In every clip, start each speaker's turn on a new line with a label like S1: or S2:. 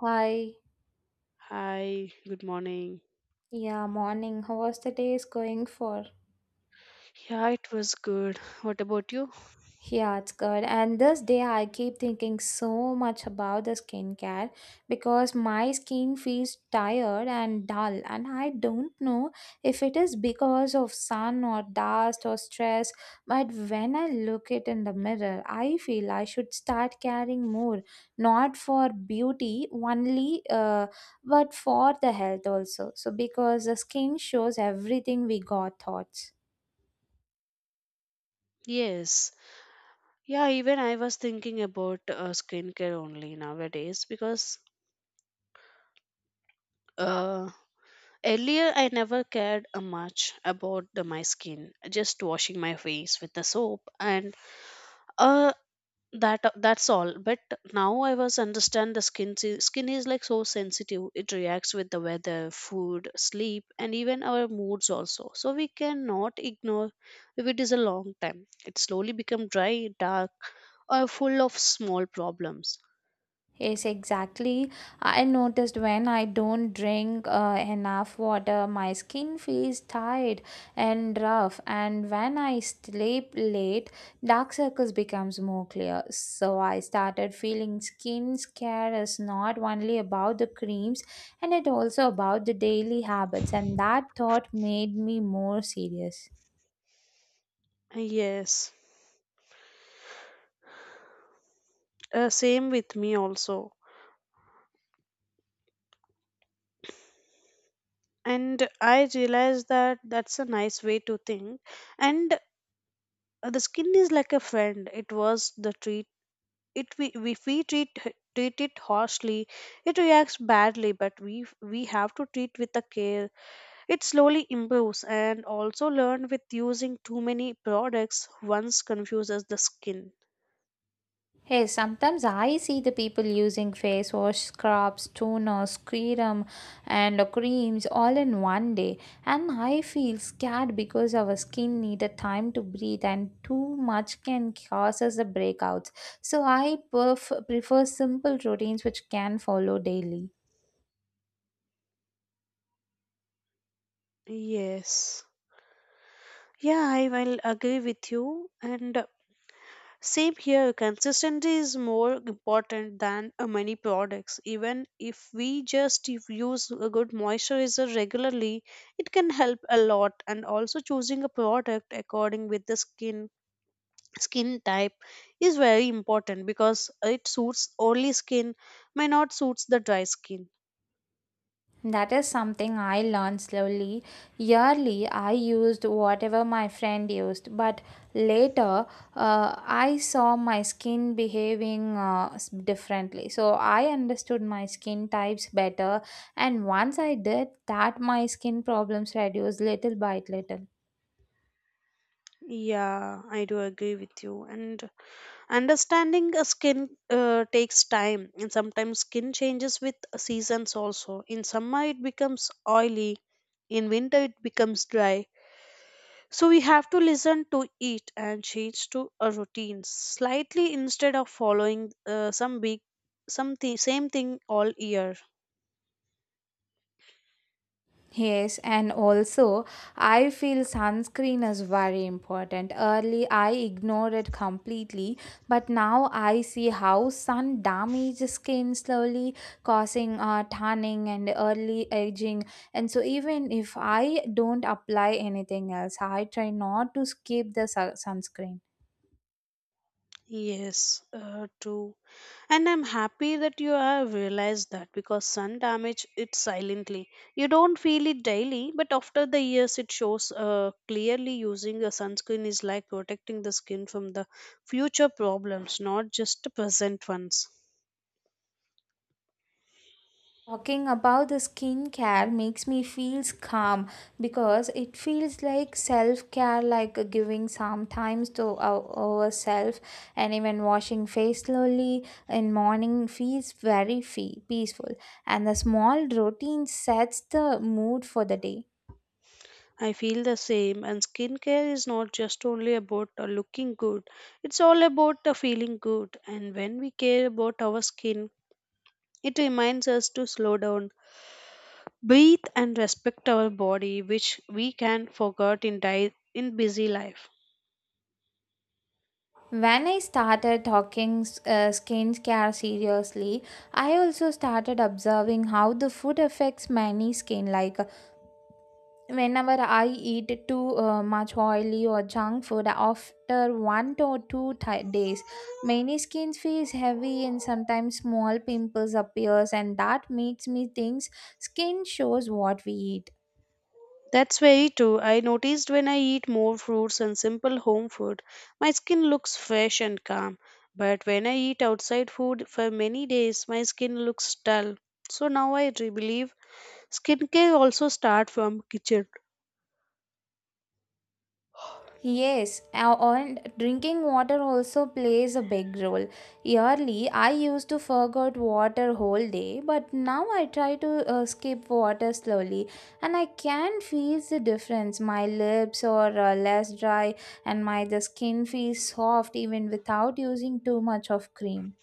S1: Hi,
S2: Hi, good morning.
S1: yeah, morning. How was the day is going for?
S2: Yeah, it was good. What about you?
S1: Yeah, it's good. And this day I keep thinking so much about the skincare because my skin feels tired and dull and I don't know if it is because of sun or dust or stress, but when I look it in the mirror, I feel I should start caring more, not for beauty only, but for the health also. So because the skin shows everything we got thoughts.
S2: Yes. Yeah, even I was thinking about skincare only nowadays because uh, earlier I never cared much about my skin, just washing my face with the soap. And uh, that's all. But now I was understand the skin skin is like so sensitive. It reacts with the weather, food, sleep, and even our moods also, so we cannot ignore. If it is a long time, it slowly become dry, dark, or full of small problems.
S1: Yes, exactly. I noticed when I don't drink enough water, my skin feels tired and rough, and when I sleep late, dark circles becomes more clear. So I started feeling skin care is not only about the creams, and it also about the daily habits, and that thought made me more serious.
S2: Yes. Same with me also. And I realized that that's a nice way to think. And the skin is like a friend. It was the treat it. We, if we treat it harshly, it reacts badly, but we have to treat with the care. It slowly improves. And also learn with using too many products once confuses the skin.
S1: Hey, sometimes I see the people using face wash, scrubs, toner, serum, and creams all in one day, and I feel scared because our skin needed time to breathe, and too much can cause us the breakouts. So I prefer simple routines which can follow daily.
S2: Yes. Yeah, I will agree with you. And same here, consistency is more important than many products. Even if we just if use a good moisturizer regularly, it can help a lot. And also choosing a product according with the skin type is very important, because it suits oily skin may not suits the dry skin.
S1: That is something I learned slowly. Yearly, I used whatever my friend used, but later I saw my skin behaving differently. So I understood my skin types better, and once I did that, my skin problems reduced little by little.
S2: Yeah, I do agree with you. And understanding a skin takes time, and sometimes skin changes with seasons also. In summer, it becomes oily. In winter, it becomes dry. So we have to listen to it and change to a routine slightly, instead of following some big, something same thing all year.
S1: Yes, and also I feel sunscreen is very important. Early I ignored it completely, but now I see how sun damages skin slowly, causing tanning and early aging. And so even if I don't apply anything else, I try not to skip the sunscreen.
S2: Yes, true. And I'm happy that you have realized that, because sun damage it silently. You don't feel it daily, but after the years it shows clearly. Using a sunscreen is like protecting the skin from the future problems, not just the present ones.
S1: Talking about the skincare makes me feels calm because it feels like self care, like giving some times to ourselves, and even washing face slowly in morning feels very peaceful. And the small routine sets the mood for the day.
S2: I feel the same. And skincare is not just only about looking good. It's all about feeling good. And when we care about our skin, it reminds us to slow down, breathe, and respect our body, which we can forget in busy life.
S1: When I started talking skincare seriously, I also started observing how the food affects many skin. Like whenever I eat too much oily or junk food after one to two ti days, many skin feels heavy and sometimes small pimples appears, and that makes me think skin shows what we eat.
S2: That's very true. I noticed when I eat more fruits and simple home food, my skin looks fresh and calm. But when I eat outside food for many days, my skin looks dull. So now I believe skincare also start from kitchen.
S1: Yes, and drinking water also plays a big role. Early, I used to forget water whole day, but now I try to skip water slowly, and I can feel the difference. My lips are less dry, and my the skin feels soft even without using too much of cream.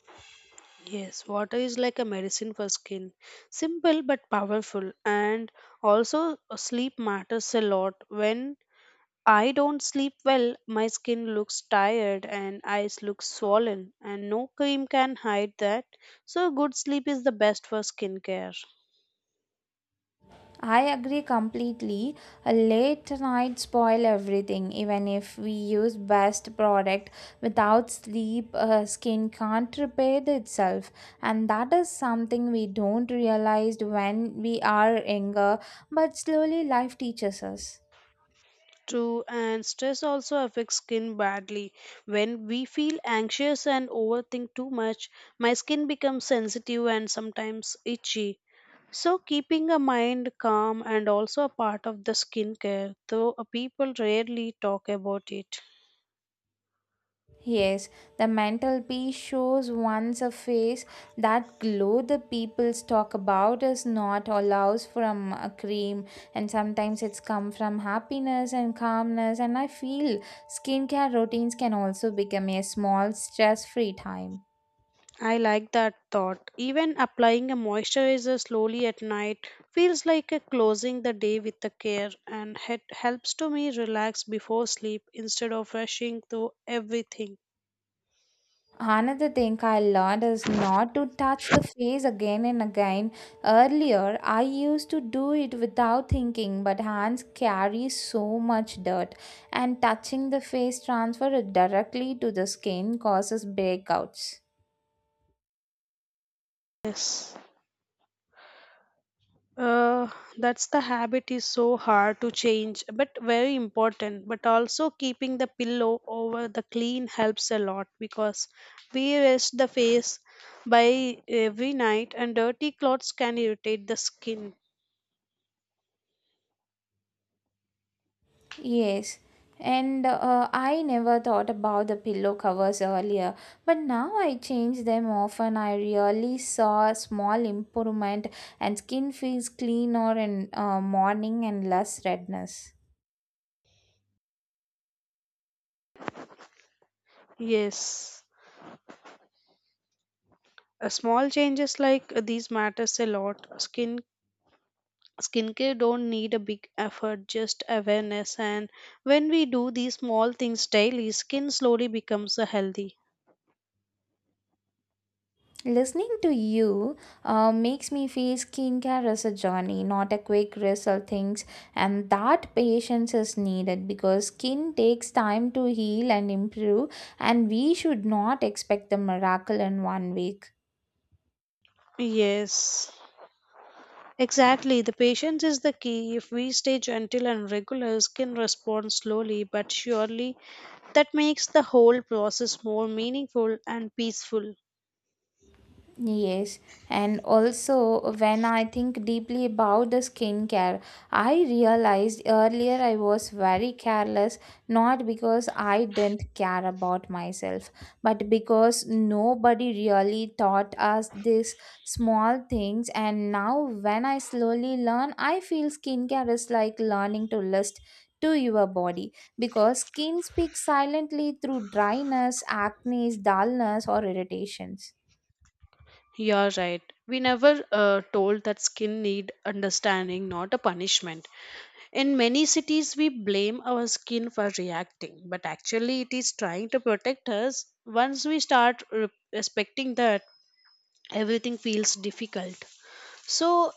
S2: Yes, water is like a medicine for skin, simple but powerful. And also, sleep matters a lot. When I don't sleep well, my skin looks tired and eyes look swollen, and no cream can hide that. So, good sleep is the best for skincare.
S1: I agree completely. A late night spoil everything. Even if we use best product, without sleep, skin can't repair itself, and that is something we don't realize when we are younger. But slowly, life teaches us.
S2: True, and stress also affects skin badly. When we feel anxious and overthink too much, my skin becomes sensitive and sometimes itchy. So, keeping a mind calm and also a part of the skincare, though people rarely talk about it.
S1: Yes, the mantelpiece shows once a face that glow the peoples talk about is not allows from a cream and sometimes it's come from happiness and calmness and I feel skincare routines can also become a small stress-free time.
S2: I like that thought. Even applying a moisturizer slowly at night feels like a closing the day with the care, and it helps to me relax before sleep instead of rushing through everything.
S1: Another thing I learned is not to touch the face again and again. Earlier, I used to do it without thinking, but hands carry so much dirt, and touching the face transfer it directly to the skin causes breakouts.
S2: Yes. Uh, that's the habit is so hard to change, but very important. But also keeping the pillow over the clean helps a lot, because we rest the face by every night and dirty clothes can irritate the skin.
S1: Yes, and I never thought about the pillow covers earlier, but now I change them often. I really saw a small improvement, and skin feels cleaner in morning and less redness.
S2: Yes. Small changes like these matters a lot. Skincare don't need a big effort, just awareness. And when we do these small things daily, skin slowly becomes a healthy.
S1: Listening to you makes me feel skincare is a journey, not a quick result things, and that patience is needed because skin takes time to heal and improve, and we should not expect the miracle in one week.
S2: Yes. Exactly, the patience is the key. If we stay gentle and regular, skin responds slowly but surely. That makes the whole process more meaningful and peaceful.
S1: Yes, and also when I think deeply about the skincare, I realized earlier I was very careless, not because I didn't care about myself, but because nobody really taught us these small things. And now, when I slowly learn, I feel skincare is like learning to list. To your body because skin speaks silently through dryness, acne, dullness, or irritations.
S2: You're right. We never told that skin need understanding, not a punishment. In many cities, we blame our skin for reacting, but actually, it is trying to protect us. Once we start respecting that, everything feels difficult. So,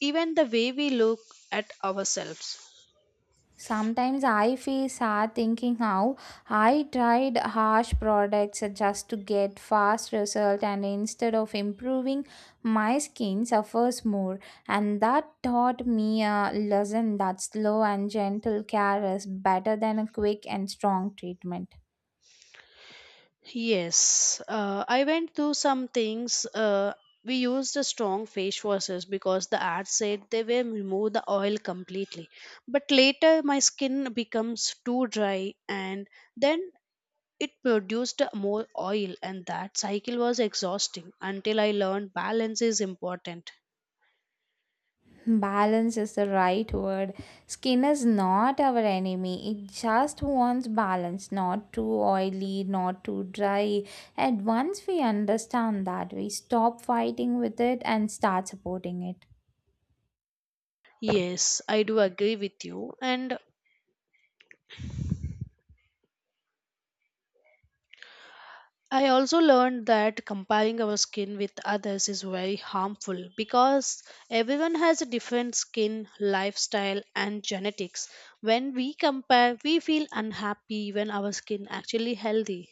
S2: even the way we look at ourselves.
S1: Sometimes I feel sad thinking how I tried harsh products just to get fast result and instead of improving my skin suffers more and that taught me a lesson that slow and gentle care is better than a quick and strong treatment.
S2: Yes, I went through some things. We used the strong face washes because the ad said they will remove the oil completely. But later, my skin becomes too dry, and then it produced more oil, and that cycle was exhausting until I learned balance is important.
S1: Balance is the right word. Skin is not our enemy. It just wants balance, not too oily, not too dry. And once we understand that, we stop fighting with it and start supporting it.
S2: Yes, I do agree with you. And I also learned that comparing our skin with others is very harmful, because everyone has a different skin, lifestyle, and genetics. When we compare, we feel unhappy when our skin actually healthy.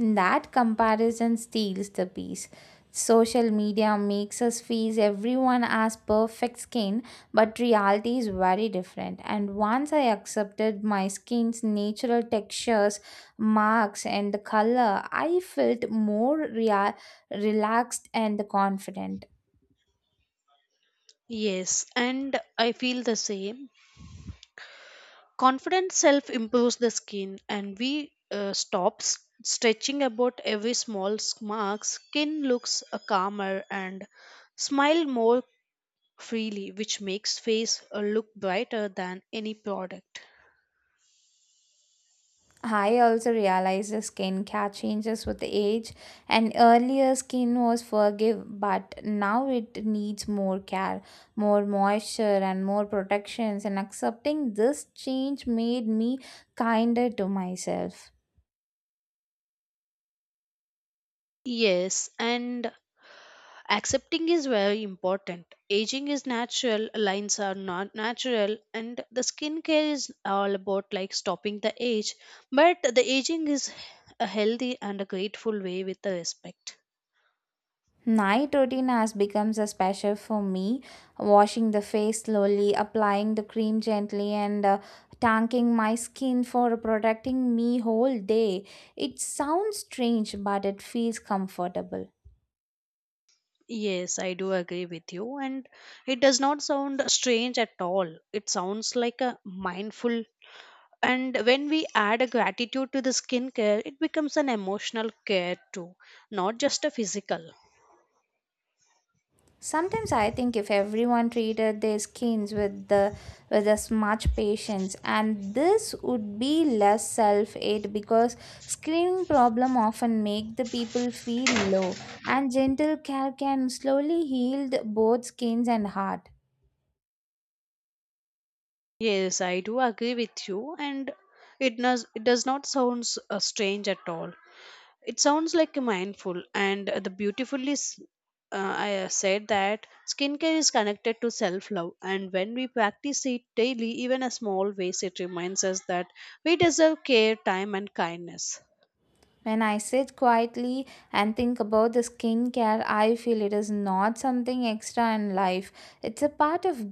S1: That comparison steals the peace. Social media makes us feel everyone has perfect skin, but reality is very different. And once I accepted my skin's natural textures, marks, and the color, I felt more relaxed and confident.
S2: Yes, and I feel the same. Confidence self improves the skin, and we stops stretching about every small mark. Skin looks calmer and smile more freely, which makes face look brighter than any product.
S1: I also realized the skin care changes with age, and earlier skin was forgive, but now it needs more care, more moisture, and more protections. And accepting this change made me kinder to myself.
S2: Yes, and accepting is very important. Aging is natural, lines are not natural, and the skincare is all about like stopping the age. But the aging is a healthy and a grateful way with the respect.
S1: Night routine has become a special for me, washing the face slowly, applying the cream gently, and tanking my skin for protecting me whole day. It sounds strange, but it feels comfortable.
S2: Yes, I do agree with you. And it does not sound strange at all. It sounds like a mindful. And when we add a gratitude to the skincare, it becomes an emotional care too, not just a physical.
S1: Sometimes I think if everyone treated their skins with the with as much patience, and this would be less self hate because skin problem often make the people feel low, and gentle care can slowly heal both skins and heart.
S2: Yes, I do agree with you. And it does not sound strange at all. It sounds like a mindful and the I said that skincare is connected to self love, and when we practice it daily, even a small ways, it reminds us that we deserve care, time, and kindness.
S1: When I sit quietly and think about the skincare, I feel it is not something extra in life. It's a part of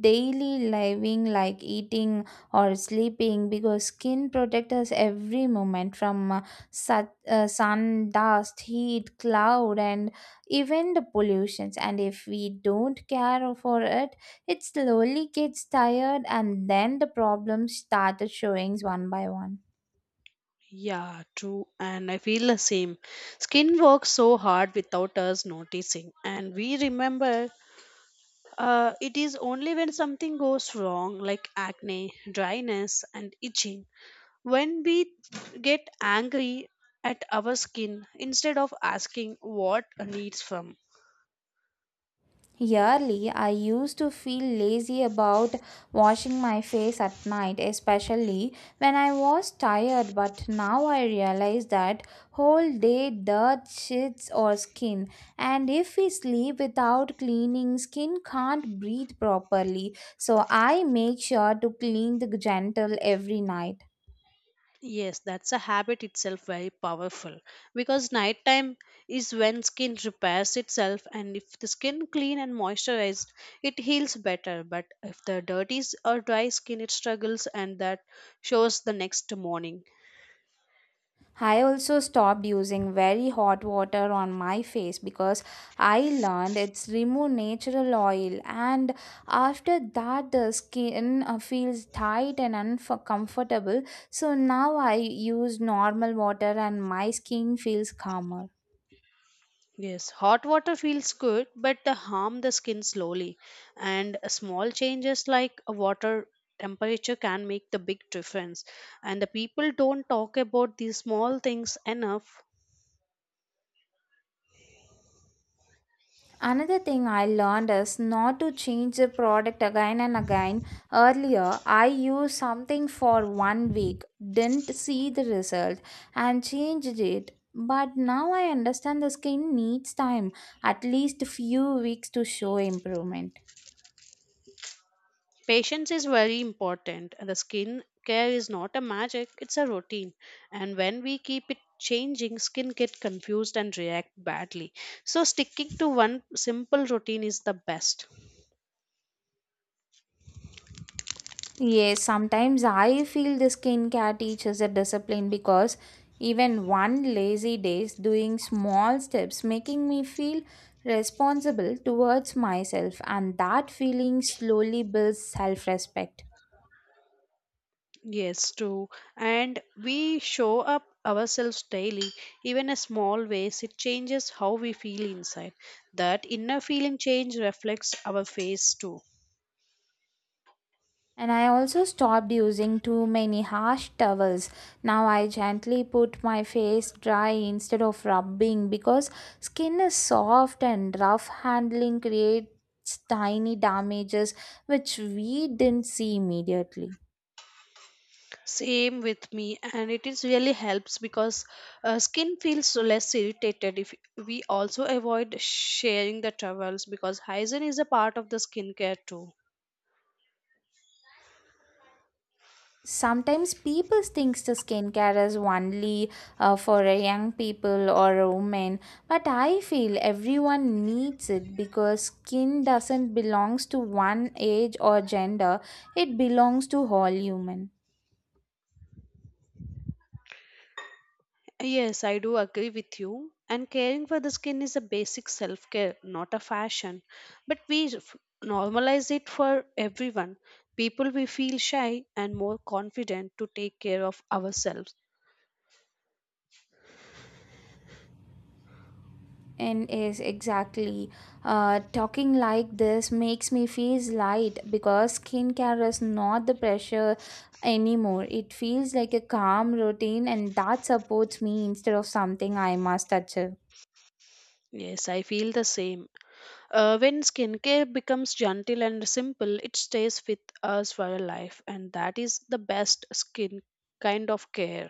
S1: daily living like eating or sleeping because skin protects us every moment from sun, dust, heat, cloud and even the pollutions. And if we don't care for it, it slowly gets tired and then the problems started showing one by one.
S2: Yeah, true, and I feel the same. Skin works so hard without us noticing, and we remember it is only when something goes wrong, like acne, dryness, and itching. When we get angry at our skin instead of asking what needs from.
S1: Yearly, I used to feel lazy about washing my face at night, especially when I was tired. But now I realize that whole day dirt shits our skin, and if we sleep without cleaning, skin can't breathe properly. So I make sure to clean the gentle every night.
S2: Yes, that's a habit itself very powerful, because nighttime is when skin repairs itself. And if the skin clean and moisturized, it heals better. But if the or dry skin, it struggles, and that shows the next morning.
S1: I also stopped using very hot water on my face because I learned it's remove natural oil and after that the skin feels tight and uncomfortable so now I use normal water and my skin feels calmer.
S2: Yes, hot water feels good, but they harm the skin slowly. And small changes like a water temperature can make the big difference. And the people don't talk about these small things enough.
S1: Another thing I learned is not to change the product again and again. Earlier, I used something for one week, didn't see the result, and changed it. But now I understand the skin needs time, at least few weeks to show improvement.
S2: Patience is very important. And The skin care is not a magic, it's a routine. And when we keep it changing, skin get confused and react badly. So sticking to one simple routine is the best.
S1: Yes, sometimes I feel the skincare teaches a discipline because even one lazy days doing small steps making me feel responsible towards myself and that feeling slowly builds self-respect.
S2: Yes, true. And we show up ourselves daily, even in small ways, it changes how we feel inside. That inner feeling change reflects our face too.
S1: And I also stopped using too many harsh towels. Now I gently put my face dry instead of rubbing because skin is soft and rough handling creates tiny damages which we didn't see immediately.
S2: Same with me, and it is really helps, because skin feels less irritated if we also avoid sharing the towels, because hygiene is a part of the skincare too.
S1: Sometimes people thinks the skincare is only for a young people or a woman, but I feel everyone needs it because skin doesn't belongs to one age or gender. It belongs to all human.
S2: Yes, I do agree with you. And caring for the skin is a basic self care, not a fashion. But normalize it for everyone. People we feel shy and more confident to take care of ourselves.
S1: And is exactly talking like this makes me feel light because skincare is not the pressure anymore. It feels like a calm routine, and that supports me instead of something I must achieve.
S2: Yes, I feel the same. When skincare becomes gentle and simple, it stays with us for a life, and that is the best skin kind of care.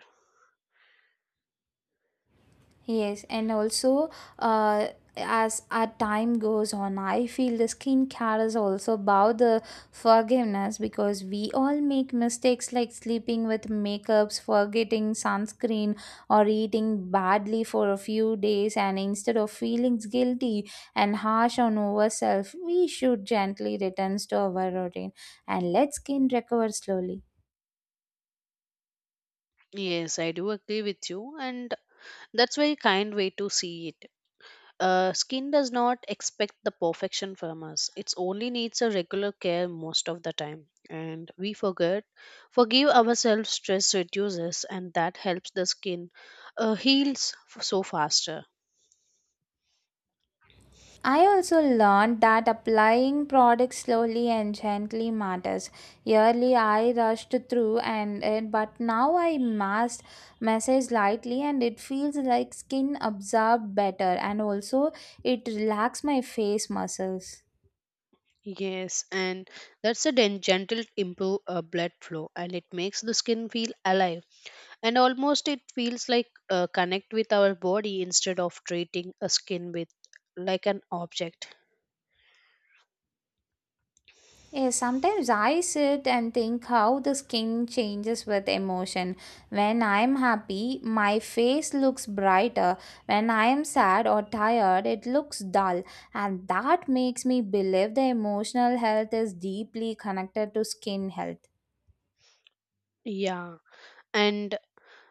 S1: Yes, and also uh, as our time goes on, I feel the skincare is also about the forgiveness because we all make mistakes like sleeping with makeups, forgetting sunscreen, or eating badly for a few days. And instead of feeling guilty and harsh on ourselves, we should gently return to our routine and let skin recover slowly.
S2: Yes, I do agree with you, and that's very kind way to see it. Skin does not expect the perfection from us. It only needs a regular care most of the time. And we forget forgive ourselves, stress reduces, and that helps the skin heals so faster.
S1: I also learned that applying products slowly and gently matters. Early I rushed through and it, but now I massed massage lightly and it feels like skin absorbed better and also it relaxes my face muscles.
S2: Yes, and that's a gentle improve blood flow, and it makes the skin feel alive. And almost it feels like connect with our body instead of treating a skin with like an object.
S1: Yeah, sometimes I sit and think how the skin changes with emotion. When I'm happy, my face looks brighter. When I am sad or tired, it looks dull. And that makes me believe the emotional health is deeply connected to skin health.
S2: Yeah, and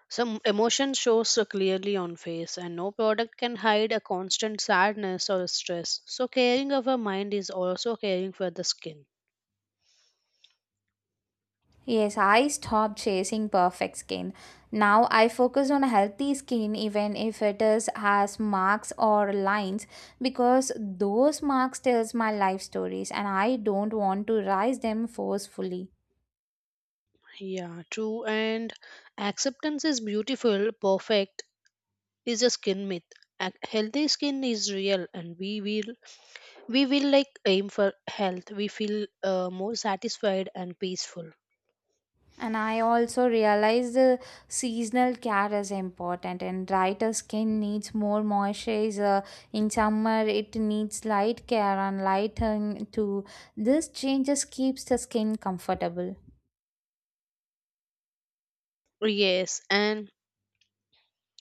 S2: some emotion shows so clearly on face, and no product can hide a constant sadness or stress. So caring of our mind is also caring for the skin.
S1: Yes, I stopped chasing perfect skin. Now I focus on healthy skin, even if it is has marks or lines, because those marks tells my life stories, and I don't want to rise them forcefully.
S2: Yeah, true. And acceptance is beautiful, perfect is a skin myth. A healthy skin is real, and we will like aim for health. We feel more satisfied and peaceful.
S1: And I also realize the seasonal care is important, and brighter skin needs more moisturizer. In summer, it needs light care and lighting too. This changes keeps the skin comfortable.
S2: Yes, and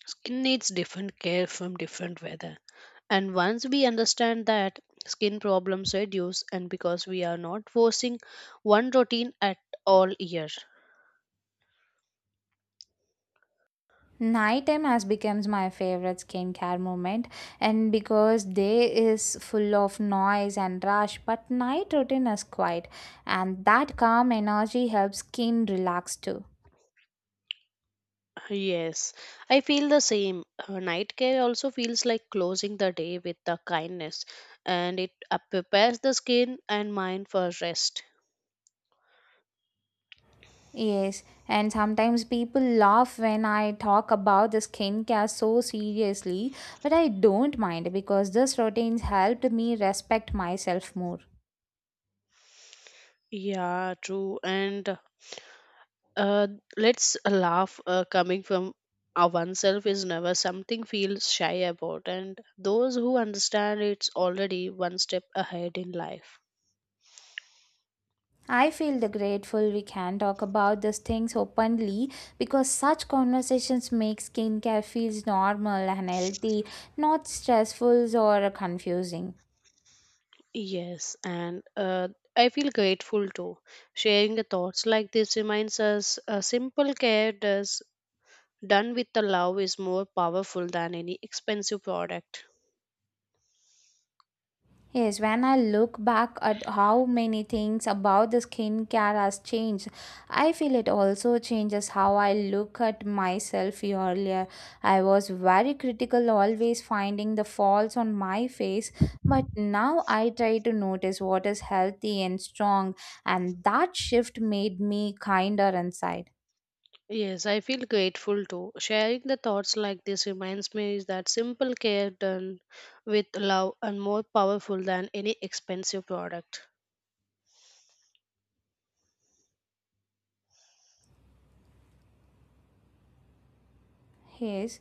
S2: skin needs different care from different weather. And once we understand that, skin problems reduce, and because we are not forcing one routine at all year.
S1: Nighttime has becomes my favorite skincare moment, and because day is full of noise and rush, but night routine is quiet, and that calm energy helps skin relax too.
S2: Yes, I feel the same. Night care also feels like closing the day with the kindness, and it prepares the skin and mind for rest.
S1: Yes, and sometimes people laugh when I talk about the skincare so seriously, but I don't mind because this routine helped me respect myself more.
S2: Yeah, true. And uh, let's laugh coming from our oneself is never something feels shy about, and those who understand it's already one step ahead in life.
S1: I feel the grateful we can talk about these things openly because such conversations make skincare feels normal and healthy, not stressful or confusing.
S2: Yes, and I feel grateful too. Sharing the thoughts like this reminds us a simple care does done with the love is more powerful than any expensive product.
S1: Yes, when I look back at how many things about the skincare has changed, I feel it also changes how I look at myself earlier. I was very critical, always finding the faults on my face, but now I try to notice what is healthy and strong, and that shift made me kinder inside.
S2: Yes, I feel grateful too. Sharing the thoughts like this reminds me is that simple care done with love and more powerful than any expensive product.
S1: Yes,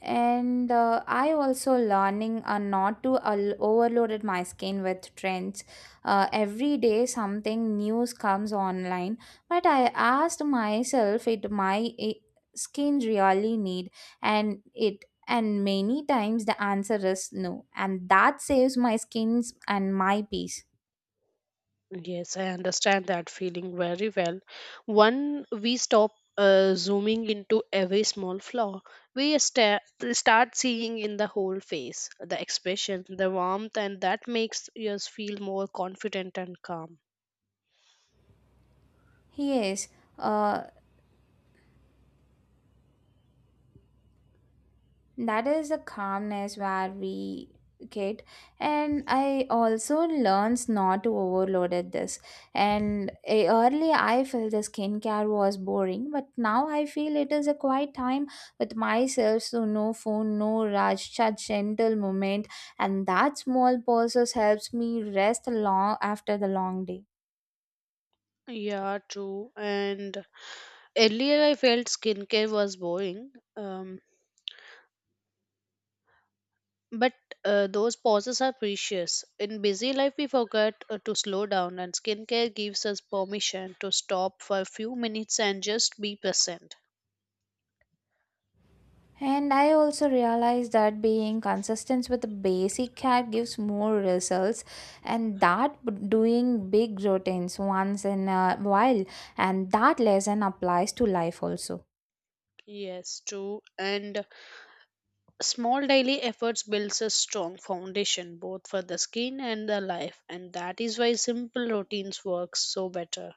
S1: and I also learning not to overloaded my skin with trends. Every day something news comes online, but I asked myself it my skin really need and it and many times the answer is no and that saves my skins and my peace.
S2: Yes, I understand that feeling very well. One, we stop zooming into every small flaw, we sta- start seeing in the whole face, the expression, the warmth, and that makes us feel more confident and calm.
S1: Yes. Uh, that is the calmness where we get and I also learns not to overload at this and early I felt the skincare was boring but now I feel it is a quiet time with myself so no phone no rush such gentle moment and that small pauses helps me rest long after the long day.
S2: Yeah, true. And earlier, I felt skincare was boring, but those pauses are precious. In busy life, we forget to slow down, and skincare gives us permission to stop for a few minutes and just be present.
S1: And I also realized that being consistent with the basic care gives more results, and that doing big routines once in a while, and that lesson applies to life also.
S2: Yes, true. And small daily efforts builds a strong foundation both for the skin and the life, and that is why simple routines work so better.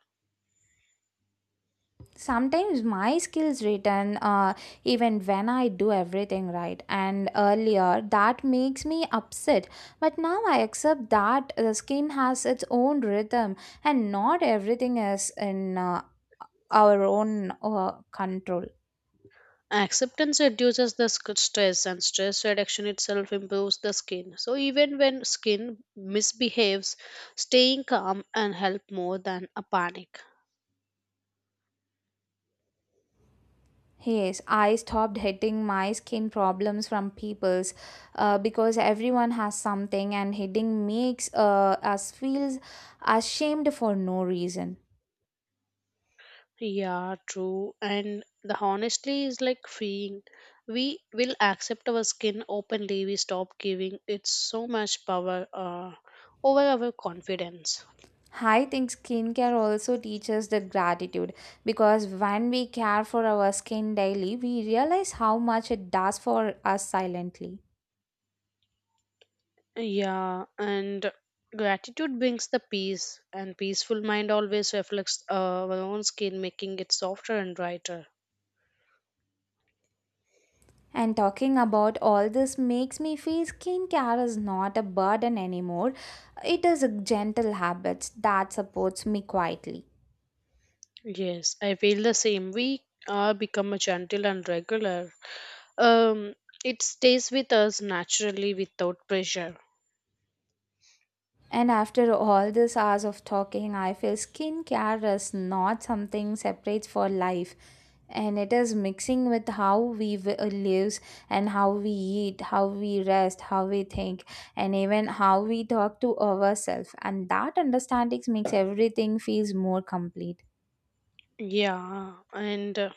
S1: Sometimes my skills return even when I do everything right, and earlier that makes me upset. But now I accept that the skin has its own rhythm, and not everything is in our own control.
S2: Acceptance reduces the stress, and stress reduction itself improves the skin. So, even when skin misbehaves, staying calm and help more than a panic.
S1: Yes, I stopped hitting my skin problems from people's because everyone has something and hitting makes us feels ashamed for no reason.
S2: Yeah, true. And the honesty is like freeing. We will accept our skin openly. We stop giving it so much power over our confidence.
S1: I think skincare also teaches the gratitude because when we care for our skin daily, we realize how much it does for us silently.
S2: Yeah, and gratitude brings the peace, and peaceful mind always reflects our own skin, making it softer and brighter.
S1: And talking about all this makes me feel skincare is not a burden anymore. It is a gentle habit that supports me quietly.
S2: Yes, I feel the same. We are become a gentle and regular. Um, it stays with us naturally without pressure.
S1: And after all these hours of talking, I feel skincare is not something separate for life. And it is mixing with how we live and how we eat, how we rest, how we think, and even how we talk to ourselves. And that understanding makes everything feels more complete.
S2: Yeah, and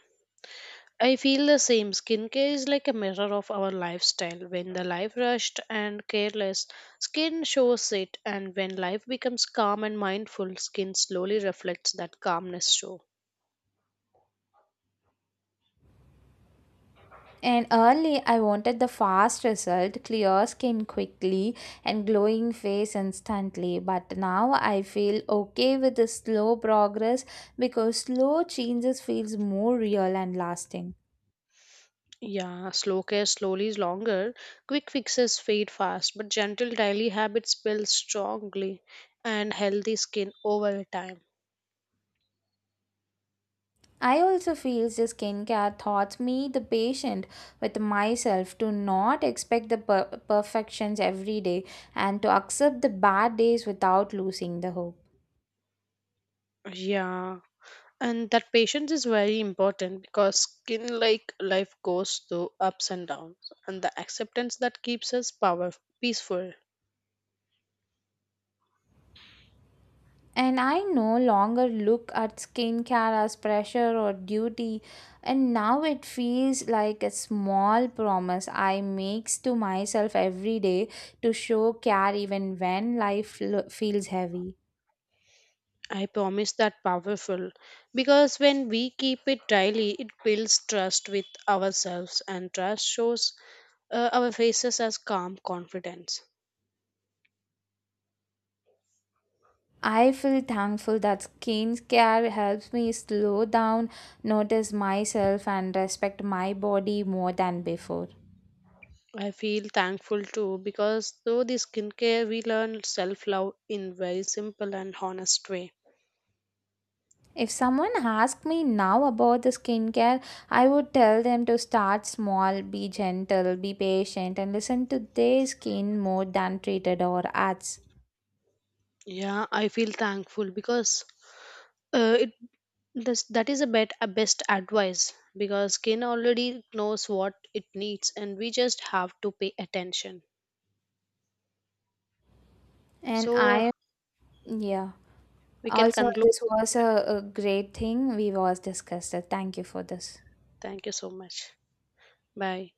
S2: I feel the same. Skincare is like a mirror of our lifestyle. When the life rushed and careless, skin shows it, and when life becomes calm and mindful, skin slowly reflects that calmness too.
S1: And early, I wanted the fast result, clear skin quickly, and glowing face instantly. But now I feel okay with the slow progress because slow changes feels more real and lasting.
S2: Yeah, slow care slowly is longer. Quick fixes fade fast, but gentle daily habits build strongly and healthy skin over time.
S1: I also feel the skincare taught me the patient with myself to not expect the perfections every day and to accept the bad days without losing the hope.
S2: Yeah. And that patience is very important because skin like life goes through ups and downs, and the acceptance that keeps us power peaceful.
S1: And I no longer look at skincare as pressure or duty, and now it feels like a small promise I makes to myself every day to show care even when life feels heavy.
S2: I promise that powerful, because when we keep it daily, it builds trust with ourselves, and trust shows our faces as calm confidence.
S1: I feel thankful that skincare helps me slow down, notice myself, and respect my body more than before.
S2: I feel thankful too, because through the skincare, we learn self love in very simple and honest way.
S1: If someone asked me now about the skincare, I would tell them to start small, be gentle, be patient, and listen to their skin more than treated or ads.
S2: Yeah, I feel thankful because it this, that is a bet a best advice, because skin already knows what it needs and we just have to pay attention.
S1: And
S2: So
S1: I, yeah.
S2: we can
S1: Also,
S2: conclude.
S1: this was a great thing we was discussed. Thank you for this.
S2: Thank you so much. Bye.